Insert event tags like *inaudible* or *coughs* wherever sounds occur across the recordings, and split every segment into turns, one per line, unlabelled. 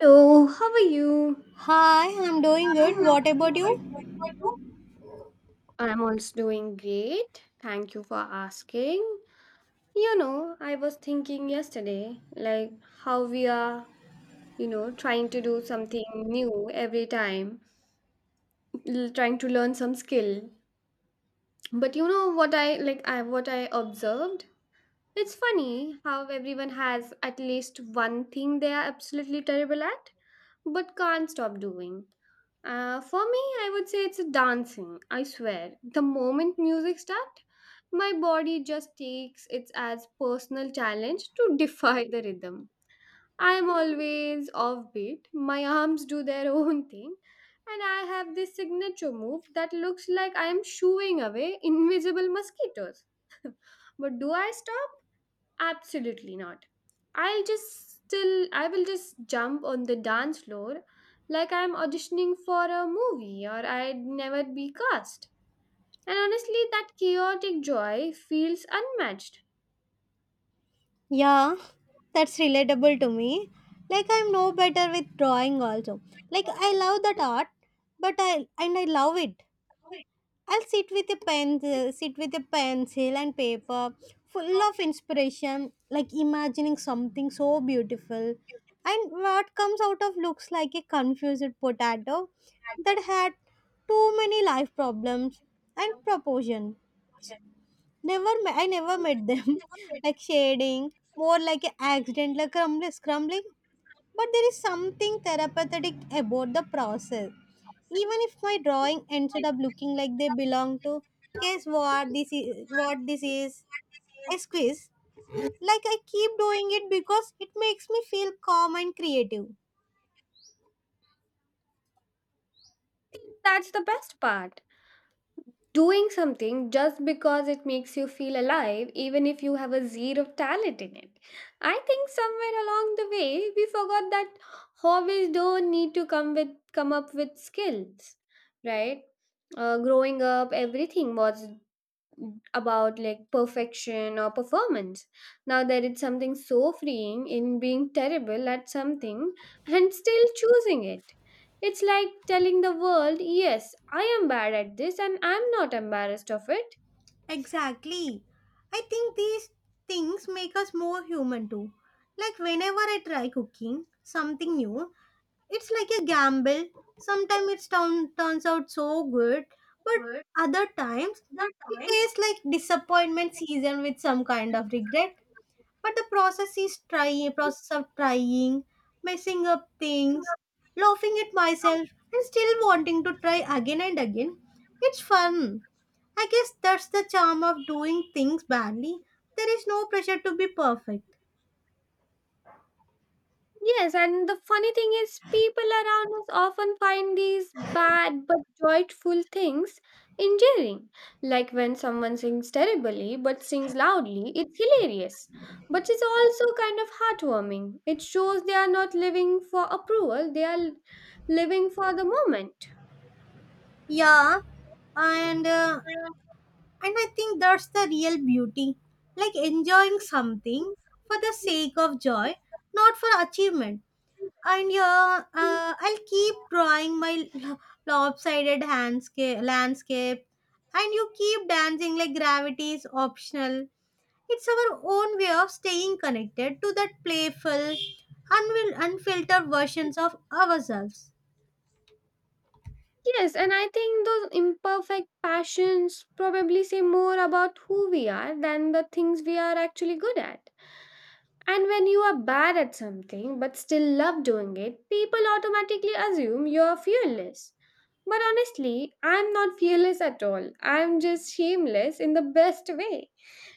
Hello, how are you?
Hi, I'm doing good.
I'm
What about you?
I'm also doing great. Thank you for asking. I was thinking yesterday, like how we are, trying to do something new every time, trying to learn some skill. But you know what I like I what I observed? It's funny how everyone has at least one thing they are absolutely terrible at, but can't stop doing. For me, I would say it's a dancing. I swear, the moment music starts, my body just takes it as personal challenge to *laughs* defy the rhythm. I am always offbeat. My arms do their *laughs* own thing, and I have this signature move that looks like I am shooing away invisible mosquitoes. *laughs* But do I stop? Absolutely not. I will just jump on the dance floor like I'm auditioning for a movie or I'd never be cast. And honestly, that chaotic joy feels unmatched.
Yeah, that's relatable to me. Like I'm no better with drawing also. Like I love that art, but I love it. I'll sit with a pen, sit with a pencil and paper, full of inspiration, like imagining something so beautiful. And what comes out of looks like a confused potato that had too many life problems and proportion. Never, I never met them. *laughs* Like shading, more like an accident, like crumbling, scrambling. But there is something therapeutic about the process. Even if my drawing ended up looking like they belong to, guess what this is? What this is? A squeeze. Like I keep doing it because it makes me feel calm and creative.
That's the best part, doing something just because it makes you feel alive, even if you have a zero talent in it. I think somewhere along the way, we forgot that hobbies don't need to come up with skills, right? Growing up, everything was about, like, perfection or performance. Now there is something so freeing in being terrible at something and still choosing it. It's like telling the world, yes, I am bad at this and I'm not embarrassed of it.
Exactly. I think these things make us more human too. Like whenever I try cooking something new, it's like a gamble. Sometimes it turns out so good, but other times it tastes like disappointment season with some kind of regret. But the process is trying process of trying, messing up things, laughing at myself, and still wanting to try again and again. It's fun. I guess that's the charm of doing things badly. There is no pressure to be perfect.
Yes, and the funny thing is, people around us often find these bad but joyful things endearing. Like when someone sings terribly but sings loudly, it's hilarious. But it's also kind of heartwarming. It shows they are not living for approval, they are living for the moment.
Yeah, and uh, and I think that's the real beauty, like enjoying something for the sake of joy, not for achievement. And yeah, I'll keep drawing my lopsided landscape, and you keep dancing like gravity is optional. It's our own way of staying connected to that playful, unfiltered versions of ourselves.
Yes, and I think those imperfect passions probably say more about who we are than the things we are actually good at. And when you are bad at something but still love doing it, people automatically assume you're fearless. But honestly, I'm not fearless at all. I'm just shameless in the best way.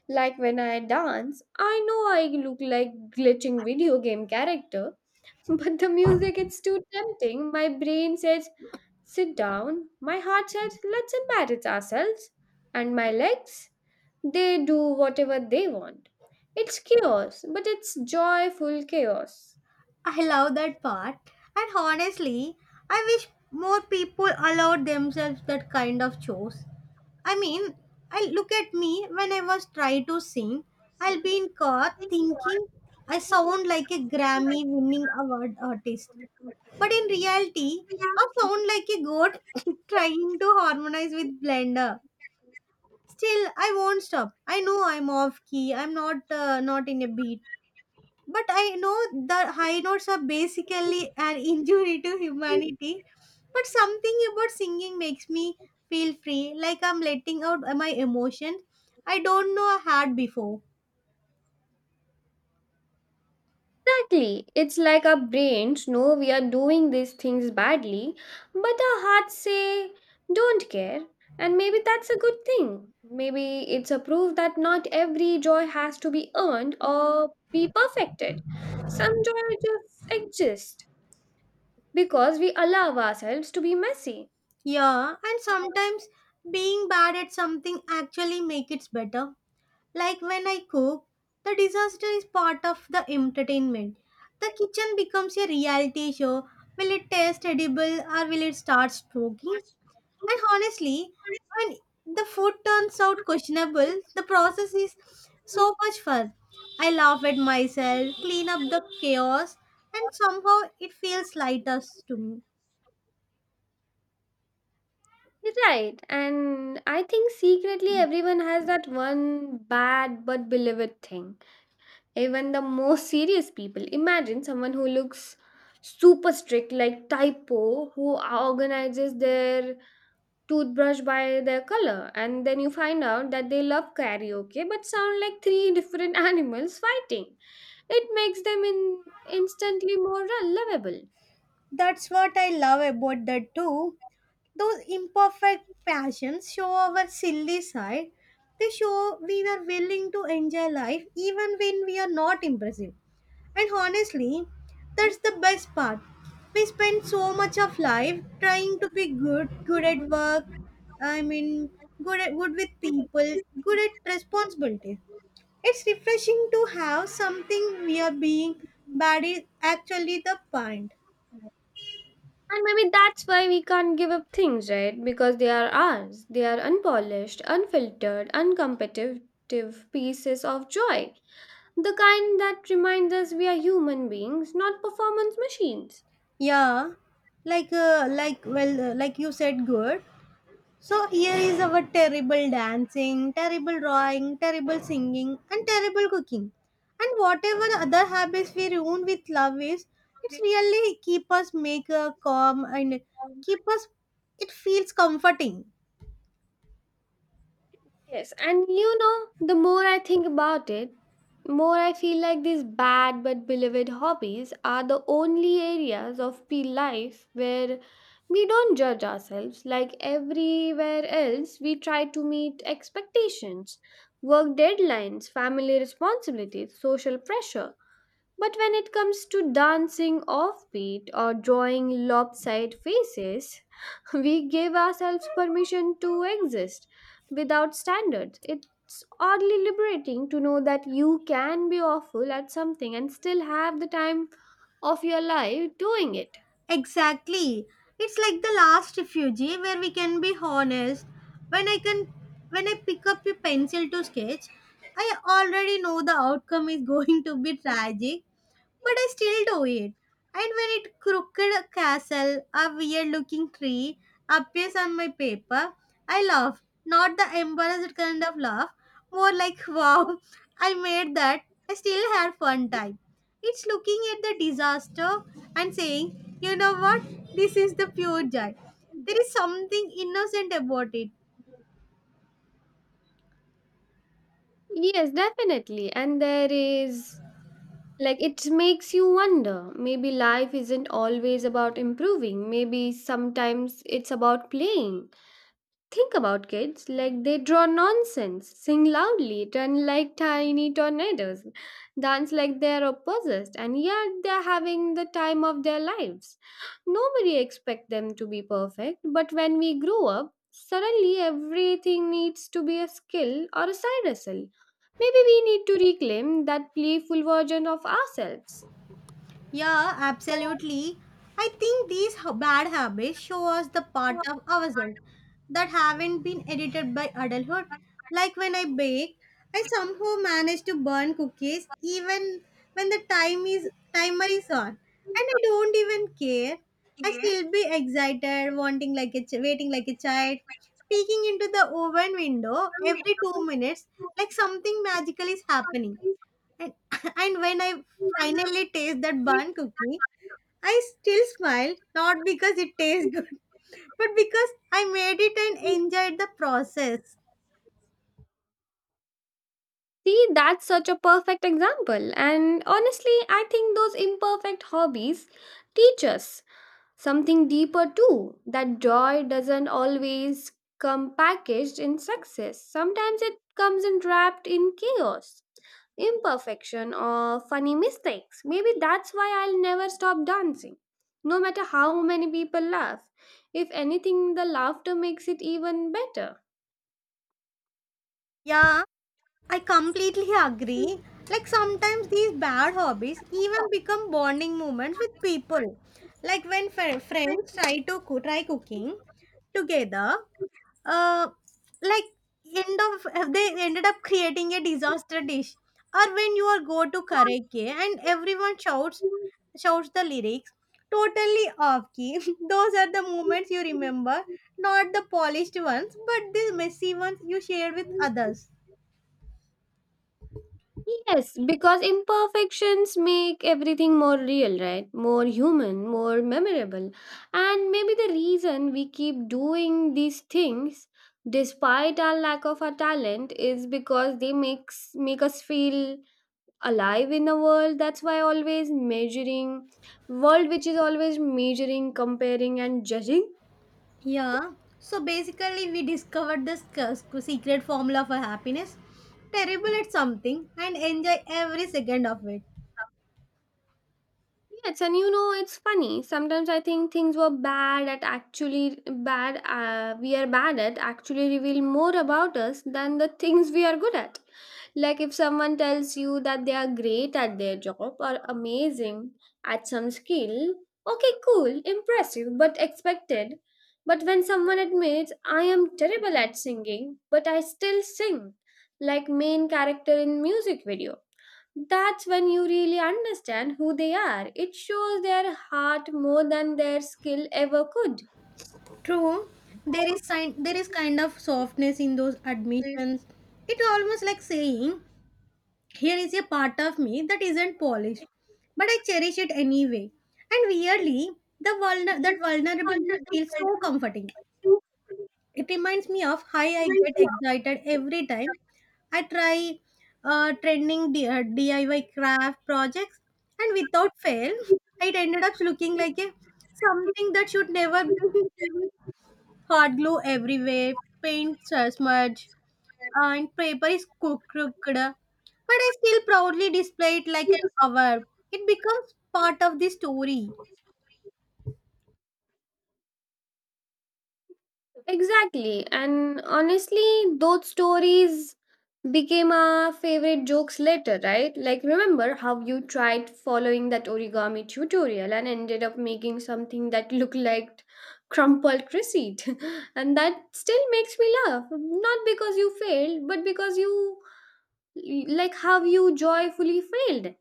Like when I dance, I know I look like glitching video game character, *laughs* but the music it's too tempting. My brain says sit down, my heart said, let's embarrass ourselves. And my legs, they do whatever they want. It's chaos, but it's joyful chaos.
I love that part. And honestly, I wish more people allowed themselves that kind of chores. I mean, I look at me when I was trying to sing. I'll be in car thinking I sound like a Grammy winning award artist. But in reality, I sound like a goat *laughs* trying to harmonize with Blender. Still, I won't stop. I know I'm off key. I'm not in a beat, but I know the high notes are basically an *laughs* injury to humanity. But something about singing makes me feel free, like I'm letting out my emotions I don't know I had before.
Exactly. It's like our brains know we are doing these things badly, but our hearts say, don't care. And maybe that's a good thing. Maybe it's a proof that not every joy has to be earned or be perfected. Some joy just exists, because we allow ourselves to be messy.
Yeah, and sometimes being bad at something actually makes it better. Like when I cook, the disaster is part of the entertainment. The kitchen becomes a reality show. Will it taste edible or will it start stroking? And honestly, when the food turns out questionable, the process is so much fun. I laugh at myself, clean up the chaos, and somehow it feels lighter to me.
Right, and I think secretly everyone has that one bad but beloved thing. Even the most serious people. Imagine someone who looks super strict, like typo, who organizes their toothbrush by their color, and then you find out that they love karaoke but sound like three different *laughs* animals fighting. It makes them instantly more lovable.
That's what I love about that too. Those imperfect passions show our silly side. They show we are willing to enjoy life even when we are not impressive. And honestly, that's the best part. We spend so much of life trying to be good, good at work, I mean, good at good with people, good at responsibility. It's refreshing to have something we are being bad is actually the point.
And maybe that's why we can't give up things, right? Because they are ours. They are unpolished, unfiltered, uncompetitive pieces of joy. The kind that reminds us we are human beings, not performance machines.
Yeah, like you said, good. So here is our terrible dancing, terrible drawing, terrible singing, and terrible cooking. And whatever other habits we ruin with love is, it's really keep us make calm and keep us. It feels comforting.
Yes, and you know, the more I think about it, more I feel like these bad but beloved hobbies are the only areas of P life where we don't judge ourselves. Like everywhere else, we try to meet expectations, work deadlines, family responsibilities, social pressure. But when it comes to dancing offbeat or drawing lopsided faces, *laughs* we give ourselves permission to exist without standards. It's oddly liberating to know that you can be awful at something and still have the time of your life doing it.
Exactly. It's like the last refugee where we can be honest. When I can when I pick up a pencil to sketch, I already know the outcome is *laughs* going to be tragic, but I still do it. And when it crooked castle, a weird looking tree, appears on my paper, I laugh. Not the embarrassed kind of laugh, more like *laughs* wow, I made that. I still had fun time. It's looking at the disaster and saying, you know what, this is the pure joy. There is something innocent about it.
Yes, definitely. And there is like it makes you wonder, maybe life isn't always about improving, maybe sometimes it's about playing. Think about kids, like they draw nonsense, sing loudly, turn like tiny tornadoes, dance like they are possessed, and yet they're having the time of their lives. Nobody expects them to be perfect, but when we grow up, suddenly everything needs to be a skill or a side hustle. Maybe we need to reclaim that playful version of ourselves.
Yeah, absolutely. I think these bad habits show us the part of ourselves that haven't been edited by adulthood. Like when I bake, I somehow manage to burn cookies even when the timer is on, and I don't even care. I still be excited, wanting like a ch- waiting like a child, peeking into the oven window every 2 minutes, like something magical is happening. And, *laughs* and when I finally taste that bun cookie, I still smile, not because it tastes good, *laughs* but because I made it and enjoyed the process.
See, that's such a perfect example, and honestly, I think those imperfect hobbies teach us something deeper too, that joy doesn't always come packaged in success. Sometimes it comes in wrapped in chaos, imperfection, or funny mistakes. Maybe that's why I'll never stop dancing. No matter how many people laugh, if anything, the laughter makes it even better.
Yeah, I completely agree. Like sometimes these bad hobbies even become bonding moments with people. Like when friends try cooking together, uh, like end of they ended up creating a disaster dish. Or when you are go to karaoke and everyone shouts the lyrics totally off key. *laughs* Those are the moments you remember, not the polished ones, but the messy ones you shared with others.
Yes, because imperfections make everything more real, right? More human, more memorable. And maybe the reason we keep doing these things despite our lack of our talent is because they make us feel alive in a world that's why always measuring world which is always measuring, comparing and judging.
Yeah. So basically, we discovered the secret formula for happiness. Terrible at something and enjoy every second of it.
Yes, and you know, it's funny. Sometimes I think things were bad at actually bad, we are bad at actually reveal more about us than the things we are good at. Like if someone tells you that they are great at their job or amazing at some skill, okay, cool, impressive, but expected. But when someone admits, I am terrible at singing, but I still sing, like main character in music video, that's when you really understand who they are. It shows their heart more than their skill ever could.
True, there is kind of softness in those admissions. It's almost like saying, "Here is a part of me that isn't polished, but I cherish it anyway." And weirdly, the that vulnerability feels so comforting. It reminds me of how I get excited every time I try trending DIY craft projects, and without fail, it ended up looking like a something that should never be *laughs* hard glue everywhere, paint smudge, and paper is crooked. But I still proudly display it like an hour. It becomes part of the story.
Exactly. And honestly, those stories became our favorite jokes later, right? Like, remember how you tried following that origami tutorial and ended up making something that looked like crumpled receipt? *laughs* And that still makes me laugh. Not because you failed, but because you, like, how you joyfully failed.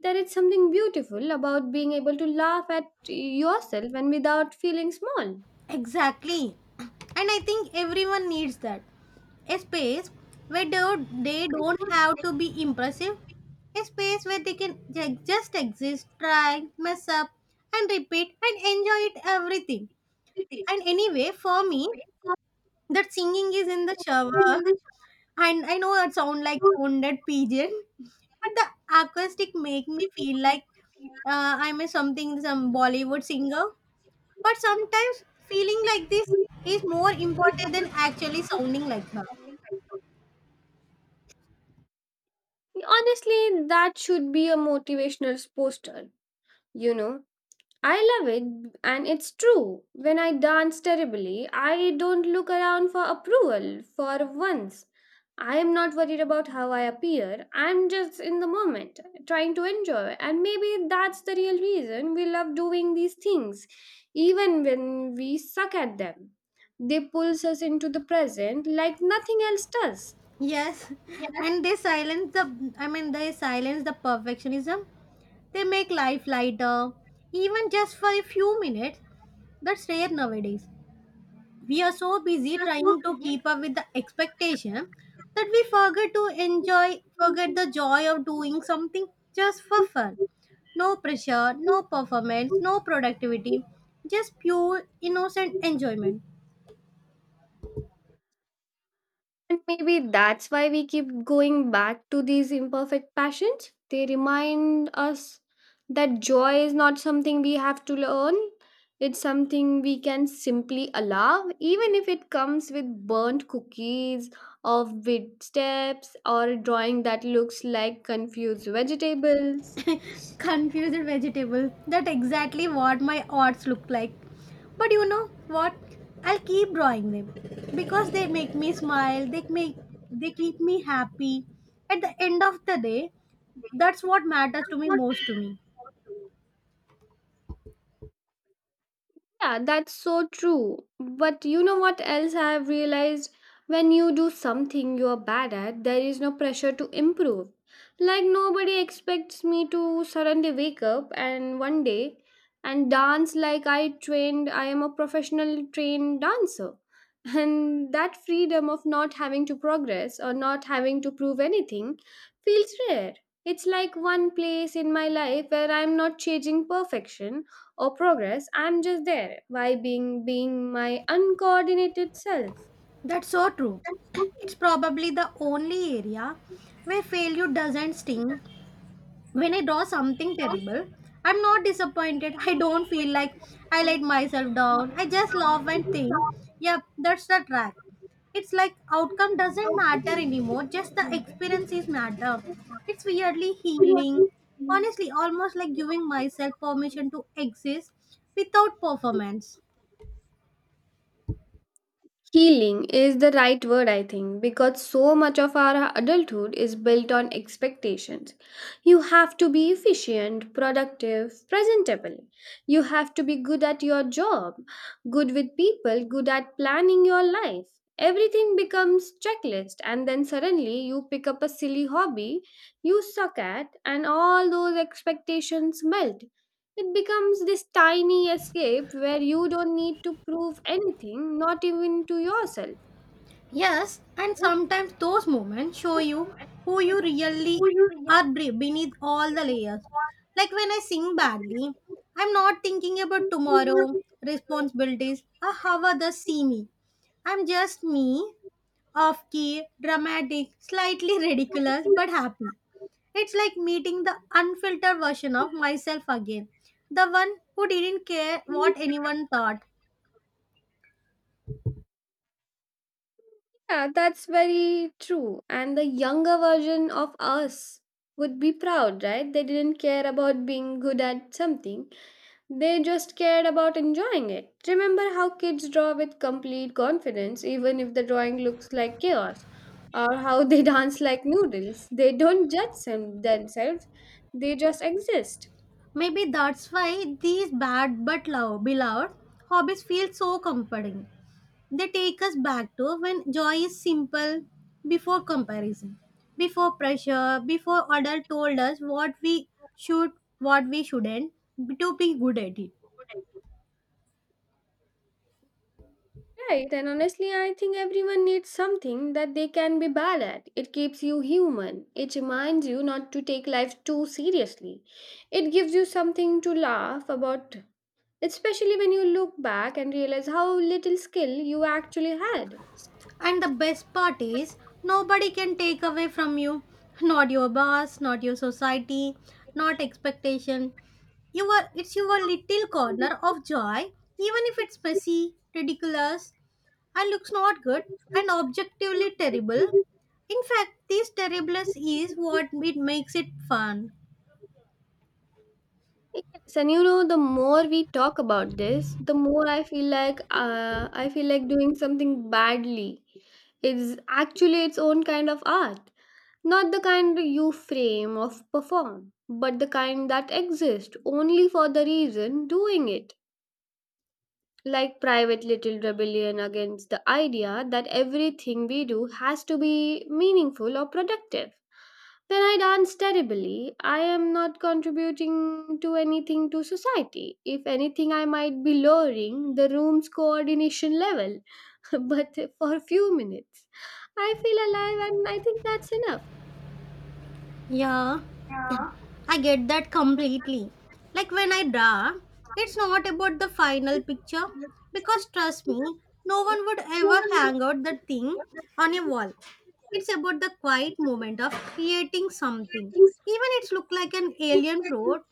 There is something beautiful about being able to laugh at yourself and without feeling small.
Exactly. And I think everyone needs that. A space where they don't have to be impressive. A space where they can just exist, try, mess up, and repeat and enjoy it everything. And anyway, for me, that singing is in the shower. And I know it sounds like a wounded pigeon, but the acoustic make me feel like I'm a something, some Bollywood singer. But sometimes feeling like this is more important than actually sounding like her.
Honestly, that should be a motivational poster, you know. I love it, and it's true. When I dance terribly, I don't look around for approval for once. I am not worried about how I appear. I'm just in the moment, trying to enjoy. And maybe that's the real reason we love doing these things, even when we suck at them. They pulls us into the present like nothing else does.
Yes, *laughs* and they silence the I mean they silence the perfectionism. They make life lighter, even just for a few minutes. That's rare nowadays. We are so busy trying to keep up with the expectation that we forget to enjoy, forget the joy of doing something just for fun. No pressure, no performance, no productivity, just pure innocent enjoyment.
And maybe that's why we keep going back to these imperfect passions. They remind us that joy is not something we have to learn, it's something we can simply allow, even if it comes with burnt cookies or with steps or a drawing that looks like confused vegetables.
Confused vegetable. That exactly what my arts look like. But you know what? I'll keep drawing them because they make me smile. They make they keep me happy. At the end of the day, that's what matters to me most to me.
Yeah, that's so true. But you know what else I have realized? When you do something you're bad at, there is no pressure to improve. Like nobody expects me to suddenly wake up and one day and dance like I trained, I am a professional trained dancer. *laughs* And that freedom of not having to progress or not having to prove anything feels rare. It's like one place in my life where I'm not chasing perfection or progress, I'm just there why being my uncoordinated self.
That's so true. It's probably the only area where failure doesn't sting when I draw something terrible, I'm not disappointed. I don't feel like I let myself down. I just laugh and think, yep, that's the track. It's like outcome doesn't matter anymore, just the experiences matter. It's weirdly healing. Honestly, almost like giving myself permission to exist without performance.
Healing is the right word, I think, because so much of our adulthood is built on expectations. You have to be efficient, productive, presentable, you have to be good at your job, good with people, good at planning your life. Everything becomes checklist and then suddenly you pick up a silly hobby you suck at and all those expectations melt. It becomes this tiny escape where you don't need to prove anything, not even to yourself.
Yes, and sometimes those moments show you who you really are beneath all the layers. Like when I sing badly, I'm not thinking about tomorrow, responsibilities, or how others see me. I'm just me, off key, dramatic, slightly *laughs* ridiculous, but happy. It's like meeting the unfiltered version of myself again, the one who didn't care what anyone thought.
Yeah, that's very true. And the younger version of us would be proud, right? They didn't care about being good at something, they just cared about enjoying it. Remember how kids draw with complete confidence, even if the drawing looks like chaos, or how they *laughs* dance like noodles. They don't judge themselves, they just exist.
Maybe that's why these bad beloved hobbies feel so comforting. They take us back to when joy is simple before comparison, before pressure, before other told us what we should, what we shouldn't to be good at it.
Right, and honestly, I think everyone needs something that they can be bad at. It keeps you human. It reminds you not to take life too seriously. It gives you something to laugh about, especially when you look back and realize how little skill you actually had.
And the best part is, nobody can take away from you. Not your boss, not your society, not expectation. You are, it's your little corner of joy, even if it's messy, ridiculous, and looks not good and objectively terrible. In fact, this terribleness is what it makes it fun.
Yes, and you know, the more we talk about this, the more I feel like doing something badly is actually its own kind of art. Not the kind you frame or perform, but the kind that exist only for the reason doing it. Like private little rebellion against the idea that everything we do has to be meaningful or productive. When I dance terribly, I am not contributing to anything to society. If anything, I might be lowering the room's coordination level, *laughs* but for a few minutes. I feel alive and I think that's enough.
Yeah. I get that completely. Like when I draw, it's not about the final picture because trust me, no one would ever hang out that thing on a wall. It's about the quiet moment of creating something. Even it's look like an alien fruit.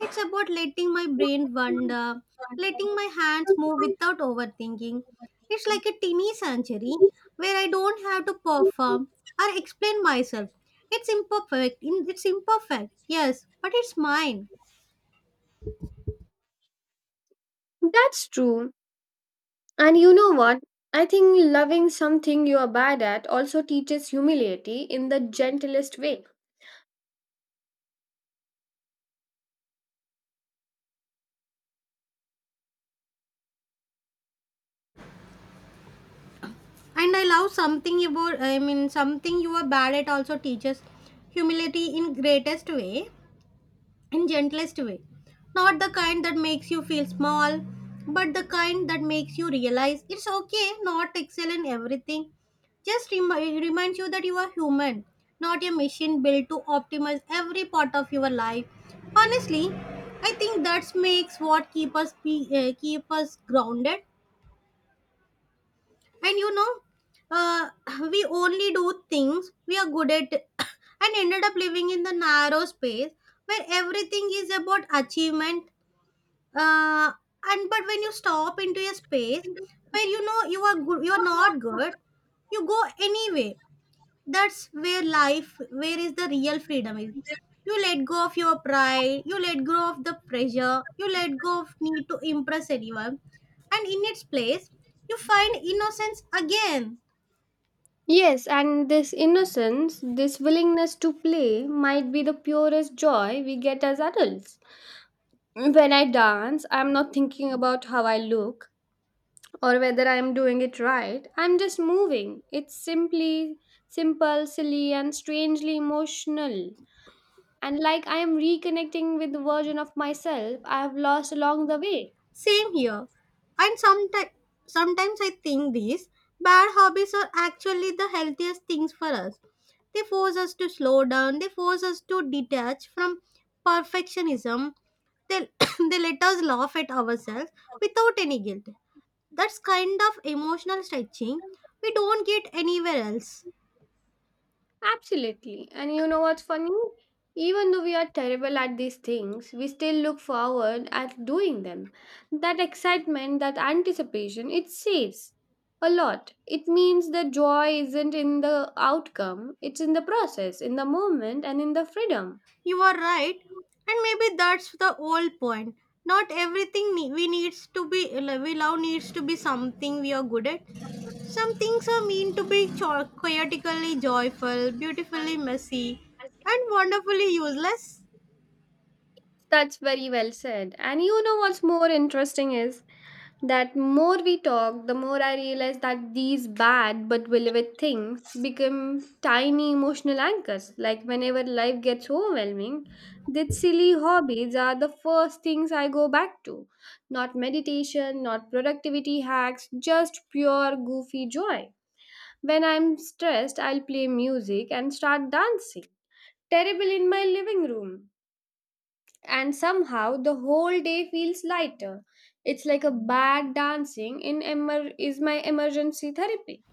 It's about letting my brain wander, letting my hands move without overthinking. It's like a teeny sanctuary where I don't have to perform or explain myself. It's imperfect. It's imperfect. Yes, but it's mine.
That's true. And you know what? I think loving something you are bad at also teaches humility in the gentlest way.
And I love something about I mean something you are bad at also teaches humility in greatest way. In gentlest way, not the kind that makes you feel small, but the kind that makes you realize it's okay not to excel in everything. Just reminds you that you are human, not a machine built to optimize every part of your life. Honestly, I think that makes what keep us grounded. And you know uh, *clears throat* we only do things we are good at. *clears throat* *coughs* And ended up living in the narrow space where everything is about achievement. uh, and but when you stop into a space where you know you are good, you are not good, you go anyway. That's where life, where is the real freedom is. You let go of your pride, you let go of the pressure, you let go of need to impress anyone. And in its place, you find innocence again.
Yes, and this innocence, this willingness to play, might be the purest joy we get as adults. When I dance, I'm not thinking about how I look or whether I'm doing it right. I'm just moving. It's simply simple, silly, and strangely emotional. And like I am reconnecting with the version of myself I have lost along the way.
Same here. And sometimes I think these bad hobbies are actually the healthiest things for us. They force us to slow down, they force us to detach from perfectionism. They, *coughs* they let us laugh at ourselves without any guilt. That's kind of emotional stretching we don't get anywhere else.
Absolutely. And you know what's funny? Even though we are terrible at these things, we still look forward at doing them. That excitement, that anticipation, it saves a lot. It means the joy isn't in the outcome, it's in the process, in the moment, and in the freedom.
You are right, and maybe that's the whole point. Not everything we needs to be, we love needs to be something we are good at. Some things are meant to be chaotically joyful, beautifully messy, and wonderfully useless.
That's very well said. And you know what's more interesting is that more we talk, the more I realize that these bad but beloved things become tiny emotional anchors. Like whenever life gets overwhelming, these silly hobbies are the first things I go back to. Not meditation, not productivity hacks, just pure goofy joy. When I'm stressed, I'll play music and start dancing. Terrible in my living room and somehow the whole day feels lighter. It's like a bag dancing in is my emergency therapy.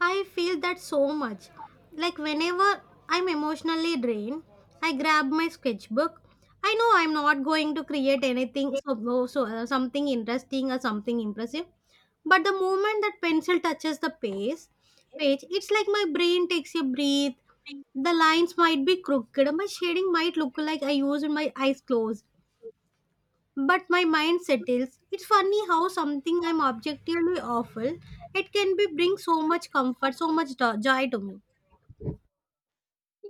I feel that so much. Like whenever I'm emotionally drained, I grab my sketchbook. I know I'm not going to create anything something interesting or something impressive, but the moment that pencil touches the page, it's like my brain takes a breath. The lines might be crooked, my shading might look like I used my eyes closed, but my mind settles. It's funny how something I'm objectively awful, it can be bring so much comfort, so much joy to me.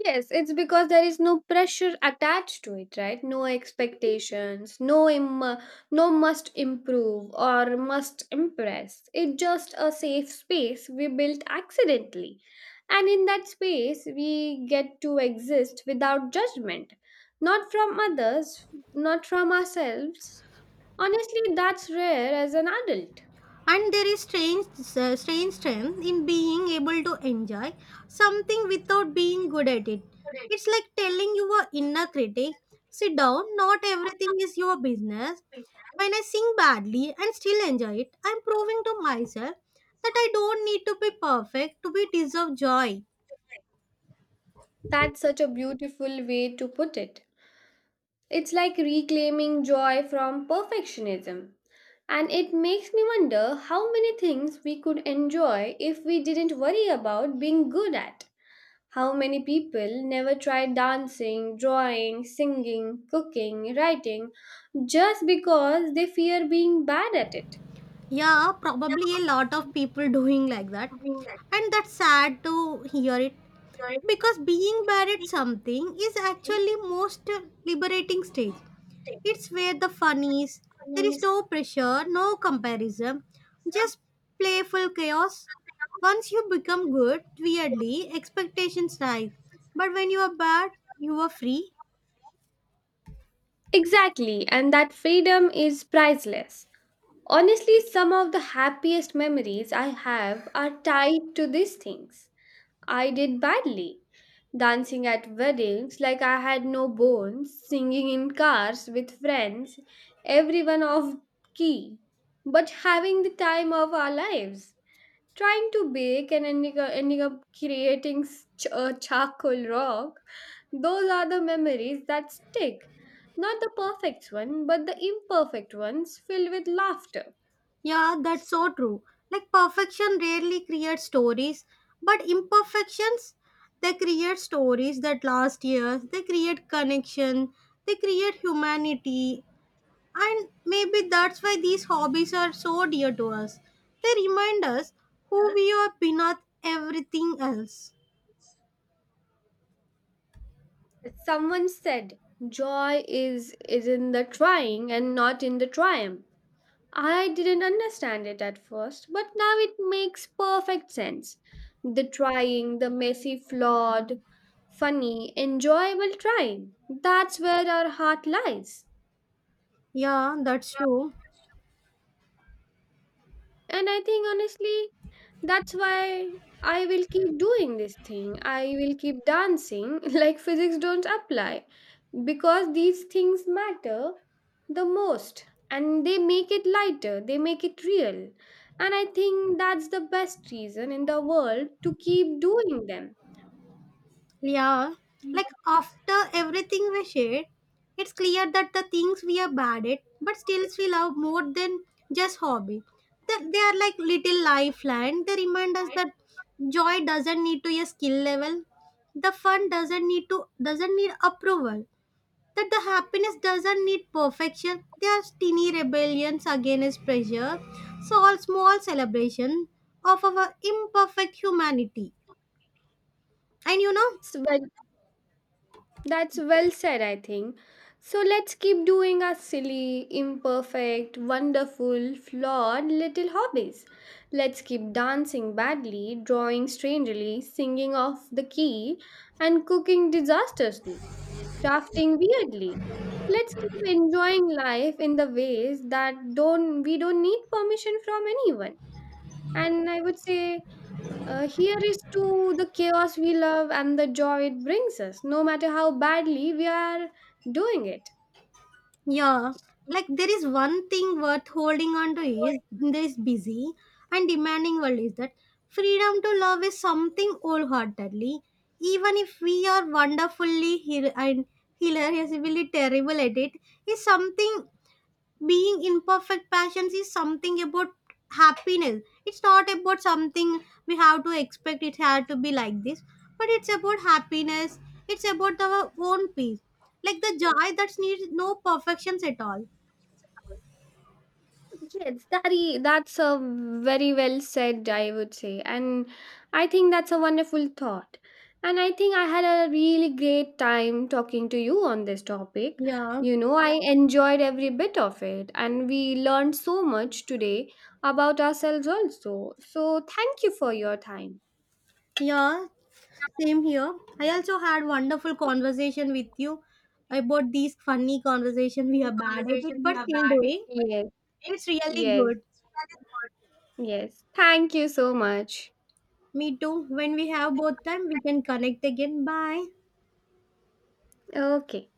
Yes, it's because there is no pressure attached to it, right? No expectations, no must improve or must impress. It's just a safe space we built accidentally. And in that space, we get to exist without judgment, not from others, not from ourselves. Honestly, that's rare as an adult.
And there is strange strength in being able to enjoy something without being good at it. It's like telling your inner critic, sit down. Not everything is your business. When I sing badly and still enjoy it, I'm proving to myself that I don't need to be perfect to be deserve joy.
That's such a beautiful way to put it. It's like reclaiming joy from perfectionism. And it makes me wonder how many things we could enjoy if we didn't worry about being good at. How many people never try dancing, drawing, singing, cooking, writing just because they fear being bad at it?
Yeah, probably a lot of people doing like that. And that's sad to hear it, because being bad at something is actually most liberating stage. It's where the fun is. There is no pressure, no comparison, just playful chaos. Once you become good, weirdly, expectations rise. But when you are bad, you are free.
Exactly, and that freedom is priceless. Honestly, some of the happiest memories I have are tied to these things. I did badly. Dancing at weddings like I had no bones, singing in cars with friends, everyone off key, but having the time of our lives. Trying to bake and ending up creating a charcoal rock. Those are the memories that stick. Not the perfect one, but the imperfect ones filled with laughter.
Yeah, that's so true. Like perfection rarely creates stories, but imperfections, they create stories that last years, they create connection, they create humanity, and maybe that's why these hobbies are so dear to us. They remind us who we are beneath everything else.
Someone said, joy is in the trying and not in the triumph. I didn't understand it at first, but now it makes perfect sense. The trying, the messy, flawed, funny, enjoyable trying. That's where our heart lies.
Yeah, that's true.
And I think honestly, that's why I will keep doing this thing. I will keep dancing *laughs* like physics don't apply because these things matter the most and they make it lighter, they make it real. And I think that's the best reason in the world to keep doing them.
Yeah, like after everything we shared, it's clear that the things we are bad at but still we love more than just hobby. That they are like little lifeline. They remind us that joy doesn't need to a skill level. The fun doesn't need approval. That the happiness doesn't need perfection. They are tiny rebellions against pressure. So all small celebration of our imperfect humanity. And you know,
It's That's well said, I think. So let's keep doing our silly, imperfect, wonderful, flawed little hobbies. Let's keep dancing badly, drawing strangely, singing off the key, and cooking disastrously, crafting weirdly. Let's keep enjoying life in the ways that don't need permission from anyone. And I would say here is to the chaos we love and the joy it brings us, no matter how badly we are doing it.
yeah, like there is one thing worth holding on to is this busy and demanding world is that freedom to love is something wholeheartedly, even if we are wonderfully hil- and hilariously terrible at it, is something, being imperfect passions is something about happiness. It's not about something we have to expect it had to be like this, but it's about happiness, it's about our own peace, like the joy that needs no perfections at all.
Yes, that's a very well said, I would say. And I think that's a wonderful thought. And I think I had a really great time talking to you on this topic.
Yeah.
You know, I enjoyed every bit of it, and we learned so much today about ourselves, also. So, thank you for your time.
Yeah, same here. I also had wonderful conversation with you about these funny conversation we have bad at it but still doing.
Yes,
It's really
yes.
good.
Yes. Thank you so much.
Me too. When we have both time we can connect again. Bye.
Okay.